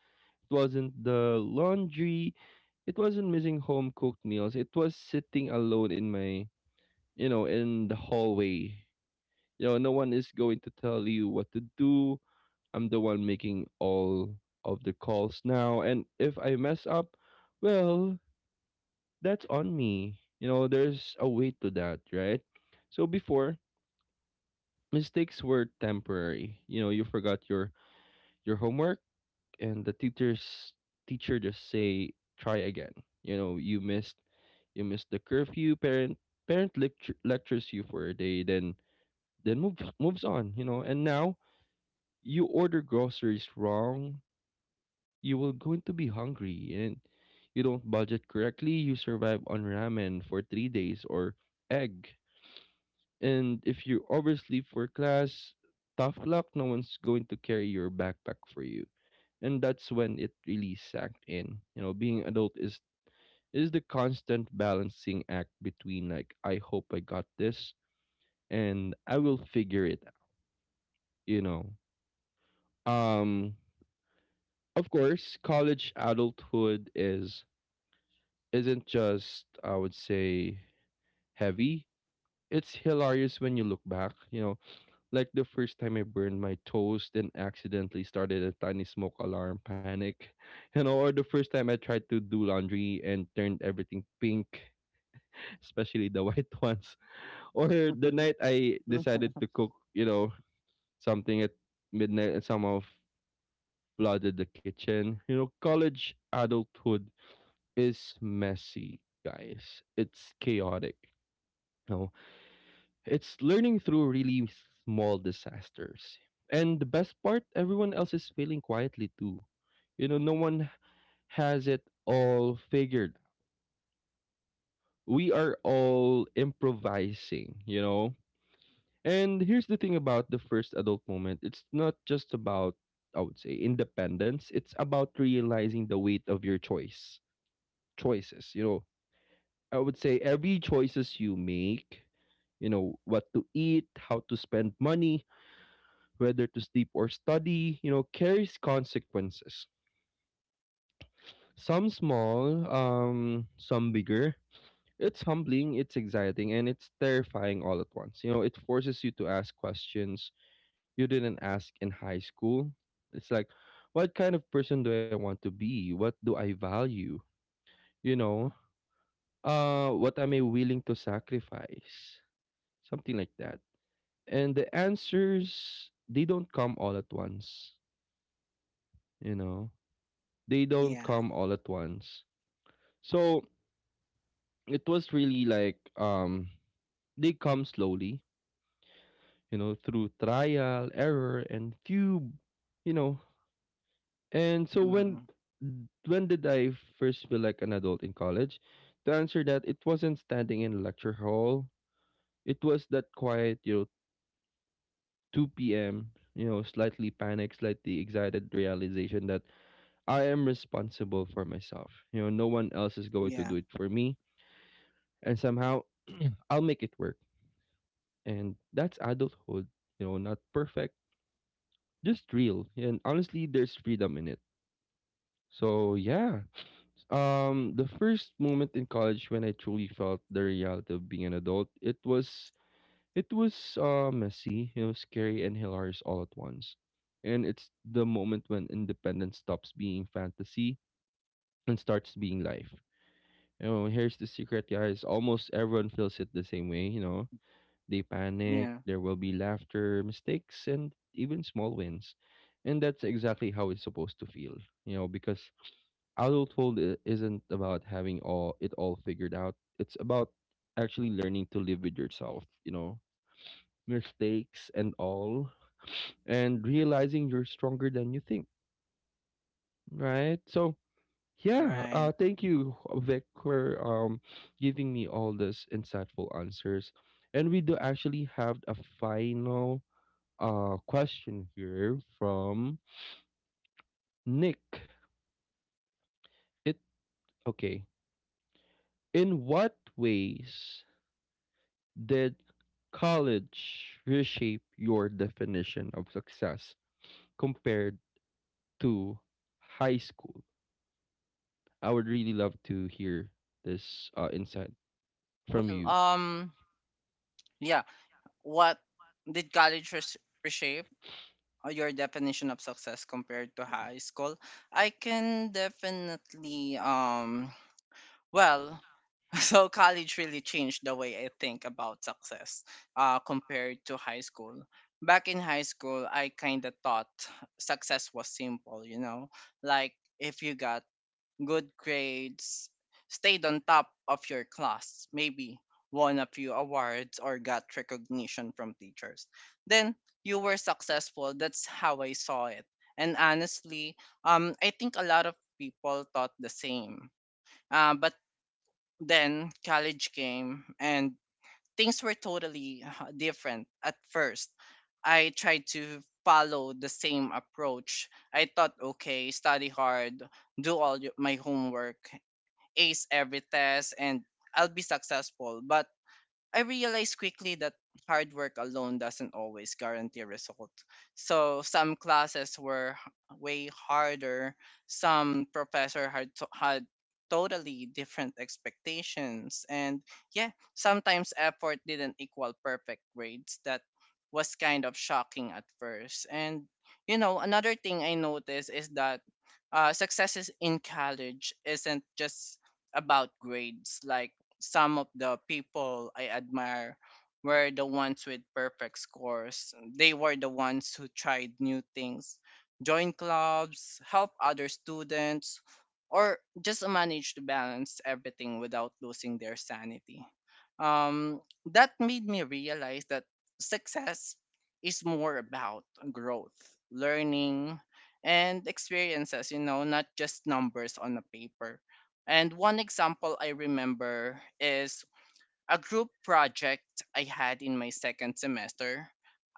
it wasn't the laundry, it wasn't missing home cooked meals. It was sitting alone in my, you know, in the hallway. You know, no one is going to tell you what to do. I'm the one making all of the calls now. And if I mess up, well, that's on me. You know, there's a way to that, right? So before, mistakes were temporary. You know, you forgot your homework and the teachers teacher just say try again. You know, you missed the curfew, parent lectures you for a day, then moves on, you know. And now you order groceries wrong, you will going to be hungry, and you don't budget correctly, you survive on ramen for 3 days or egg. And if you oversleep for class, tough luck, no one's going to carry your backpack for you. And that's when it really sank in. You know, being adult is the constant balancing act between like I hope I got this and I will figure it out, you know. Um of course, college adulthood is isn't just, I would say, heavy. It's hilarious when you look back, you know, like the first time I burned my toast and accidentally started a tiny smoke alarm panic, you know, or the first time I tried to do laundry and turned everything pink, especially the white ones, or the night I decided to cook, you know, something at midnight and somehow flooded the kitchen. You know, college adulthood is messy, guys. It's chaotic. It's learning through really small disasters. And the best part, everyone else is failing quietly too. You know, no one has it all figured. We are all improvising, you know? And here's the thing about the first adult moment, it's not just about, I would say, independence, it's about realizing the weight of your choices, you know? I would say every choices you make, you know, what to eat, how to spend money, whether to sleep or study, you know, carries consequences. Some small, some bigger. It's humbling, it's exciting, and it's terrifying all at once. You know, it forces you to ask questions you didn't ask in high school. It's like, what kind of person do I want to be? What do I value? You know, what am I willing to sacrifice? Something like that. And the answers, they don't come all at once, you know, they don't Yeah. come all at once. So it was really like they come slowly, you know, through trial, error and few, you know. And so Hmm. when did I first feel like an adult in college? To answer that, it wasn't standing in a lecture hall. It was that quiet, you know, 2 p.m., you know, slightly panicked, slightly excited realization that I am responsible for myself. You know, no one else is going to Yeah, do it for me. And somehow I'll make it work. And that's adulthood, you know, not perfect, just real. And honestly, there's freedom in it. So yeah. The first moment in college when I truly felt the reality of being an adult, it was messy, you know, scary and hilarious all at once. And it's the moment when independence stops being fantasy and starts being life. You know, here's the secret, guys. Almost everyone feels it the same way, you know. They panic, yeah, there will be laughter, mistakes, and even small wins. And that's exactly how it's supposed to feel, you know, because adulthood isn't about having all it all figured out. It's about actually learning to live with yourself, you know, mistakes and all, and realizing you're stronger than you think, right? So, yeah, right. Thank you, Vic, for giving me all these insightful answers. And we do actually have a final question here from Nick. It Okay. In what ways did college reshape your definition of success compared to high school? I would really love to hear this insight from Well, you. Yeah. What did college reshape, your definition of success compared to high school? I can definitely, well, so college really changed the way I think about success, compared to high school. Back in high school, I kind of thought success was simple, you know, like, if you got good grades, stayed on top of your class, maybe won a few awards or got recognition from teachers, then you were successful. That's how I saw it. And honestly, I think a lot of people thought the same. But then college came, and things were totally, different at first. I tried to follow the same approach. I thought, okay, study hard, do all my homework, ace every test, and I'll be successful. But I realized quickly that hard work alone doesn't always guarantee a result. So some classes were way harder. Some professor had totally different expectations, and yeah, sometimes effort didn't equal perfect grades. That was kind of shocking at first. And, you know, another thing I noticed is that, successes in college isn't just about grades. Like, some of the people I admire were the ones with perfect scores. They were the ones who tried new things, joined clubs, helped other students, or just managed to balance everything without losing their sanity. Um, that made me realize that success is more about growth, learning, and experiences, you know, not just numbers on a paper. And one example I remember is a group project I had in my second semester.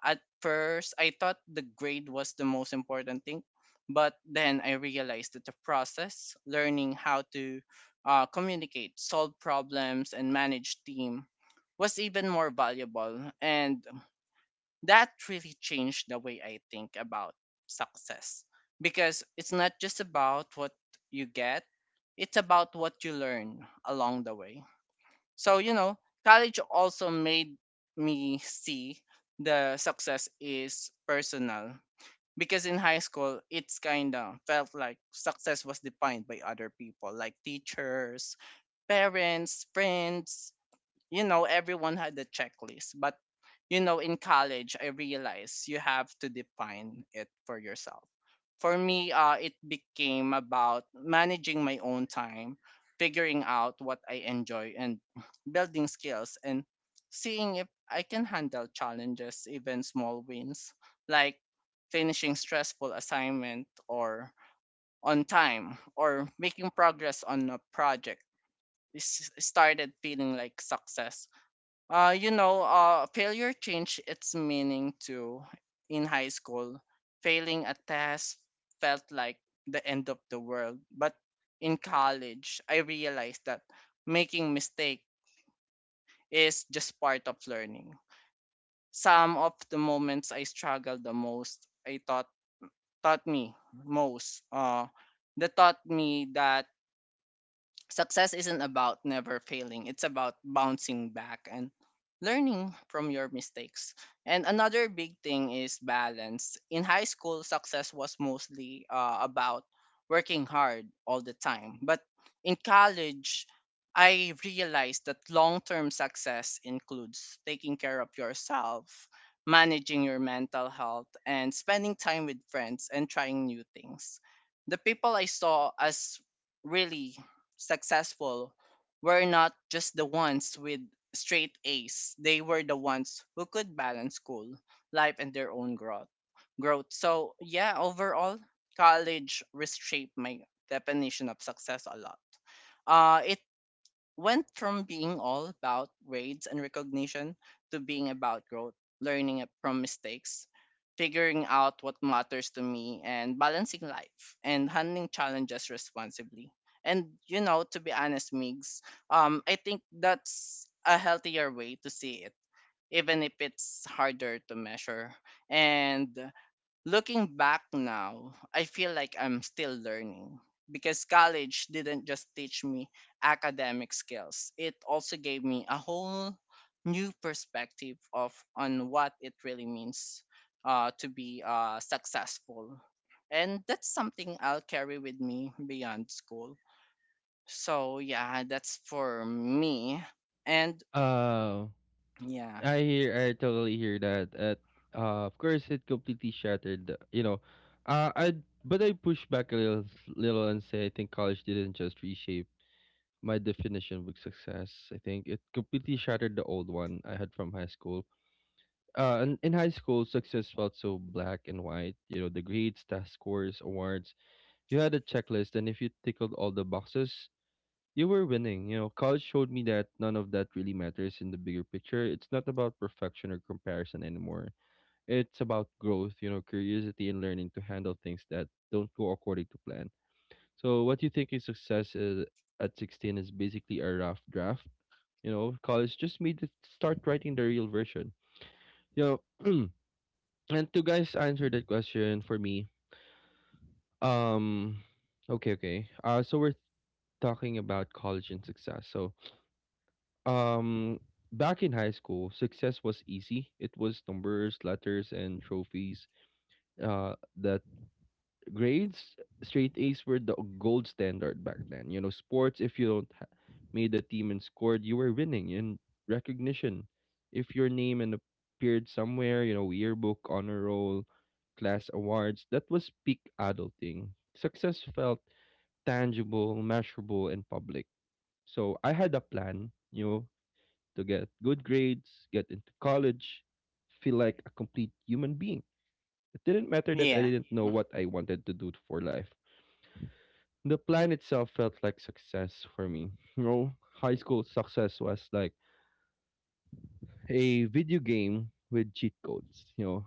At first, I thought the grade was the most important thing, but then I realized that the process, learning how to, communicate, solve problems, and manage team, was even more valuable. And that really changed the way I think about success, because it's not just about what you get, it's about what you learn along the way. So, you know, college also made me see the success is personal, because in high school it's kind of felt like success was defined by other people, like teachers, parents, friends, you know, everyone had a checklist. But, you know, in college I realized you have to define it for yourself. For me, it became about managing my own time, figuring out what I enjoy, and building skills, and seeing if I can handle challenges. Even small wins, like finishing stressful assignment or on time, or making progress on a project, is started feeling like success. You know, failure changed its meaning too. In high school, failing a test felt like the end of the world. But in college, I realized that making mistake is just part of learning. Some of the moments I struggled the most, I thought taught me most. That taught me that success isn't about never failing, it's about bouncing back and learning from your mistakes. And another big thing is balance. In high school, success was mostly, about working hard all the time. But in college, I realized that long term success includes taking care of yourself, managing your mental health, and spending time with friends and trying new things. The people I saw as really successful were not just the ones with straight A's. They were the ones who could balance school, life, and their own growth. So yeah, overall, college reshaped my definition of success a lot. It went from being all about grades and recognition to being about growth, learning it from mistakes, figuring out what matters to me, and balancing life and handling challenges responsibly. And, you know, to be honest, Migs, I think that's a healthier way to see it, even if it's harder to measure. And looking back now, I feel like I'm still learning, because college didn't just teach me academic skills. It also gave me a whole new perspective of on what it really means, to be, successful. And that's something I'll carry with me beyond school. So yeah, that's for me. And Uh yeah, I hear, I totally hear that. At Of course it completely shattered the- you know. I but I push back a little, and say I think college didn't just reshape my definition of success. I think it completely shattered the old one I had from high school. And in high school, success felt so black and white. You know, the grades, test scores, awards. You had a checklist, and if you tickled all the boxes, you were winning. You know, college showed me that none of that really matters in the bigger picture. It's not about perfection or comparison anymore. It's about growth, you know, curiosity, and learning to handle things that don't go according to plan. So, what you think is success is, at 16, is basically a rough draft. You know, college just made it start writing the real version. You know, and to guys answer that question for me, um, okay, okay. So we're talking about college and success. So, um, back in high school, success was easy. It was numbers, letters, and trophies. The grades straight A's were the gold standard back then. You know, sports, if you don't ha- made the team and scored, you were winning in recognition. If your name and appeared somewhere, you know, yearbook, honor roll, class awards, that was peak adulting. Success felt tangible, measurable, and public. So I had a plan, you know, to get good grades, get into college, feel like a complete human being. It didn't matter that I yeah, didn't know mm, what I wanted to do for life. The plan itself felt like success for me. You know, high school success was like a video game with cheat codes. You know,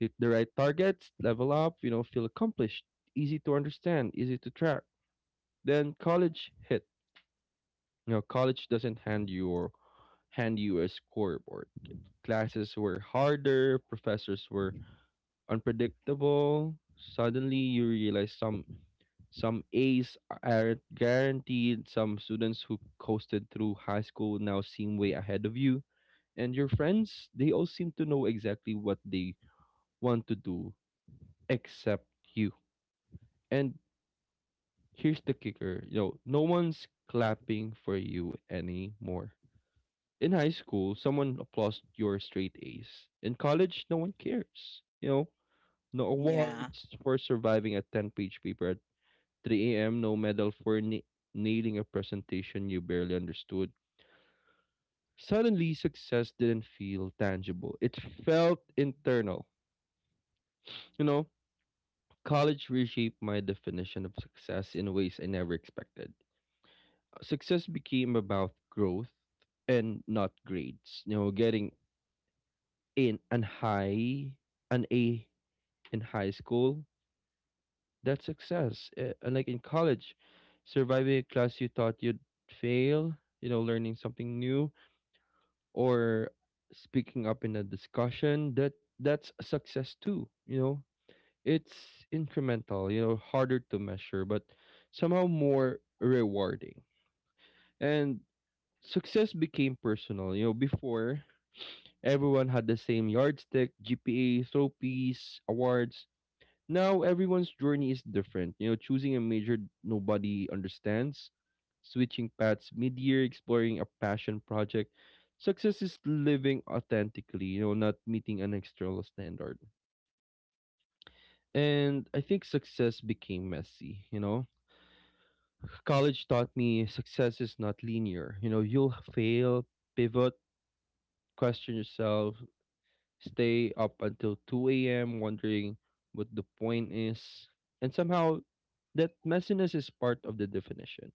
hit the right targets, level up, you know, feel accomplished, easy to understand, easy to track. Then college hit. You know, college doesn't hand you a scoreboard. Classes were harder, professors were unpredictable. Suddenly you realize some A's are guaranteed. Some students who coasted through high school now seem way ahead of you. And your friends, they all seem to know exactly what they want to do, except you. And here's the kicker, you know, no one's clapping for you anymore. In high school, someone applauds your straight A's. In college, no one cares. You know, no yeah, awards for surviving a 10-page paper at 3 a.m., no medal for nailing a presentation you barely understood. Suddenly, success didn't feel tangible. It felt internal. You know, college reshaped my definition of success in ways I never expected. Success became about growth and not grades. You know, getting in an high, an A in high school, that's success. Unlike in college, surviving a class you thought you'd fail, you know, learning something new, or speaking up in a discussion, that's a success too. You know, it's incremental, you know, harder to measure, but somehow more rewarding. And success became personal. You know, before, everyone had the same yardstick, GPA, trophies, awards. Now everyone's journey is different. You know, choosing a major nobody understands, switching paths mid-year, exploring a passion project. Success is living authentically, you know, not meeting an external standard. And I think success became messy, you know. College taught me success is not linear. You know, you'll fail, pivot, question yourself, stay up until 2 a.m. wondering what the point is. And somehow, that messiness is part of the definition.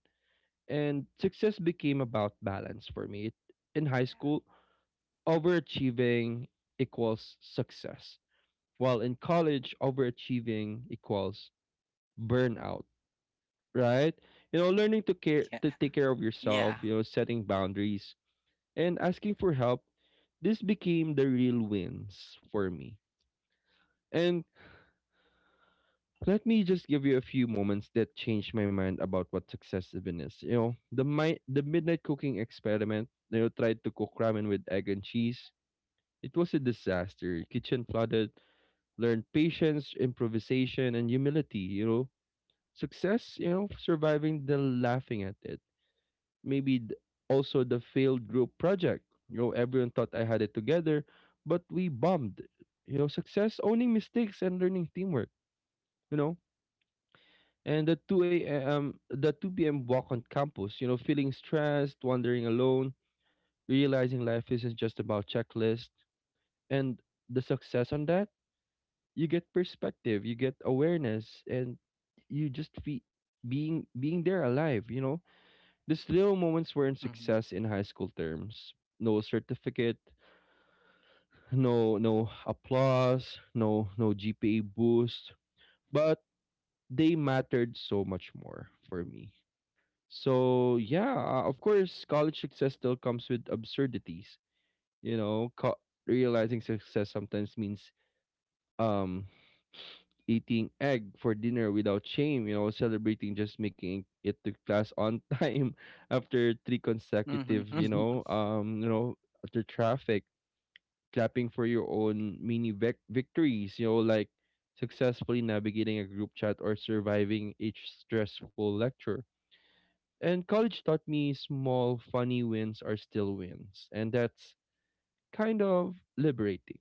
And success became yeah, about balance for me. In high school, overachieving equals success, while in college, overachieving equals burnout, right? yeah, You know, learning to care to yeah. take care of yourself, you know, setting boundaries and asking for help, this became the real wins for me. And let me just give you a few moments that changed my mind about what success even is. You know, the midnight cooking experiment. You know, tried to cook ramen with egg and cheese. It was a disaster. Kitchen flooded. Learned patience, improvisation, and humility. You know, success. You know, surviving the laughing at it. Maybe th- Also the failed group project. You know, everyone thought I had it together, but we bombed. You know, success owning mistakes and learning teamwork. You know, and the 2 p.m. walk on campus, you know, feeling stressed, wandering alone, realizing life isn't just about checklist, and the success on that, you get perspective, you get awareness, and you just feel being there alive, you know. These little moments weren't success in high school terms. No certificate, no applause, no GPA boost, but they mattered so much more for me. So yeah, of course, college success still comes with absurdities. You know, realizing success sometimes means um eating egg for dinner without shame. You know, celebrating just making it to class on time after three consecutive. Mm-hmm. After traffic, clapping for your own victories. You know, like successfully navigating a group chat or surviving each stressful lecture, and college taught me small, funny wins are still wins. And that's kind of liberating.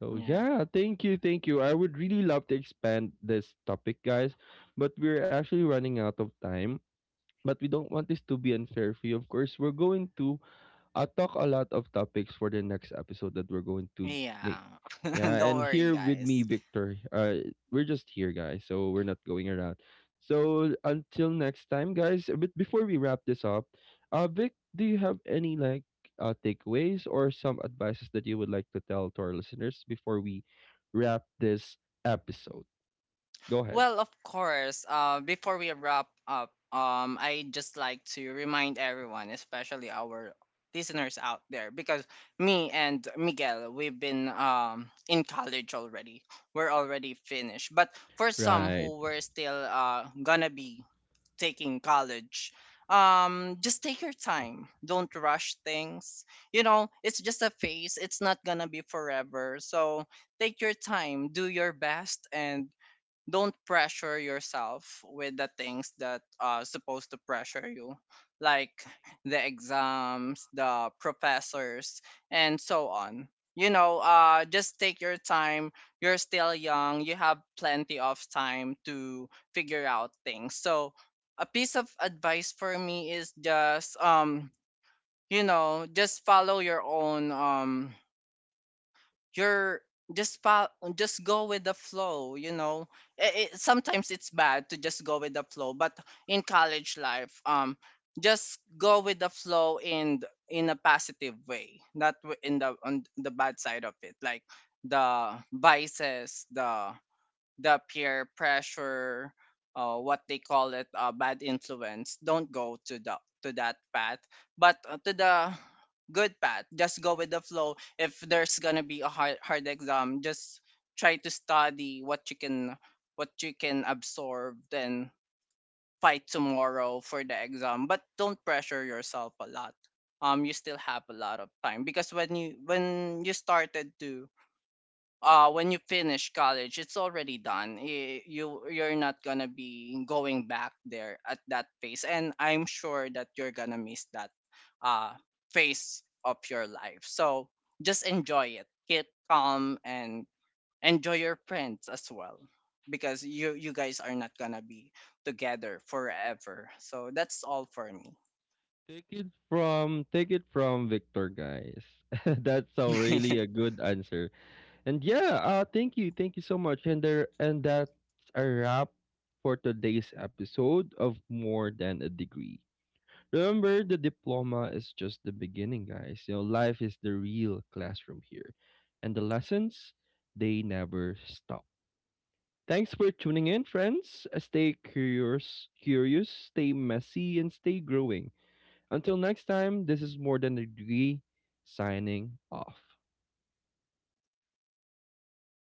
So, Yeah. yeah, thank you. Thank you. I would really love to expand this topic, guys, but we're actually running out of time. But we don't want this to be unfair for you. Of course, we're going to, I'll talk a lot of topics for the next episode that we're going to make. Yeah. Yeah, Don't and worry, here with me, guys. Victor. We're just here, guys, so we're not going around. So until next time, guys. But before we wrap this up, Vic, do you have any like takeaways or some advices that you would like to tell to our listeners before we wrap this episode? Go ahead. Well, of course, before we wrap up, I just like to remind everyone, especially our listeners out there, because me and Miguel, we've been in college already. We're already finished. But for some Right. who were still gonna be taking college, just take your time, don't rush things. You know, it's just a phase, it's not gonna be forever, so take your time, do your best, and don't pressure yourself with the things that are supposed to pressure you, like the exams, the professors, and so on. You know, just take your time. You're still young, you have plenty of time to figure out things. So a piece of advice for me is just, you know, just follow your own, you're just fo- just go with the flow. You know, sometimes it's bad to just go with the flow, but in college life, just go with the flow in in a positive way, not w- in the on the bad side of it, like the vices, the peer pressure, what they call it, bad influence. Don't go to the to that path, but, to the good path. Just go with the flow. If there's gonna be a hard exam, just try to study what you can, what you can absorb, then fight tomorrow for the exam. But don't pressure yourself a lot. You still have a lot of time, because when you started to, when you finish college, it's already done. You you're not gonna be going back there at that phase, and I'm sure that you're gonna miss that uh phase of your life. So just enjoy it, get calm, and enjoy your friends as well, because you guys are not gonna be together forever. So that's all for me. Take it from Victor, guys. That's a really a good answer. And yeah, thank you. Thank you so much. And there and that's a wrap for today's episode of More Than a Degree. Remember, the diploma is just the beginning, guys. You know, life is the real classroom here. And the lessons, they never stop. Thanks for tuning in, friends. Stay curious, stay messy, and stay growing. Until next time, this is More Than a Degree signing off. Bye.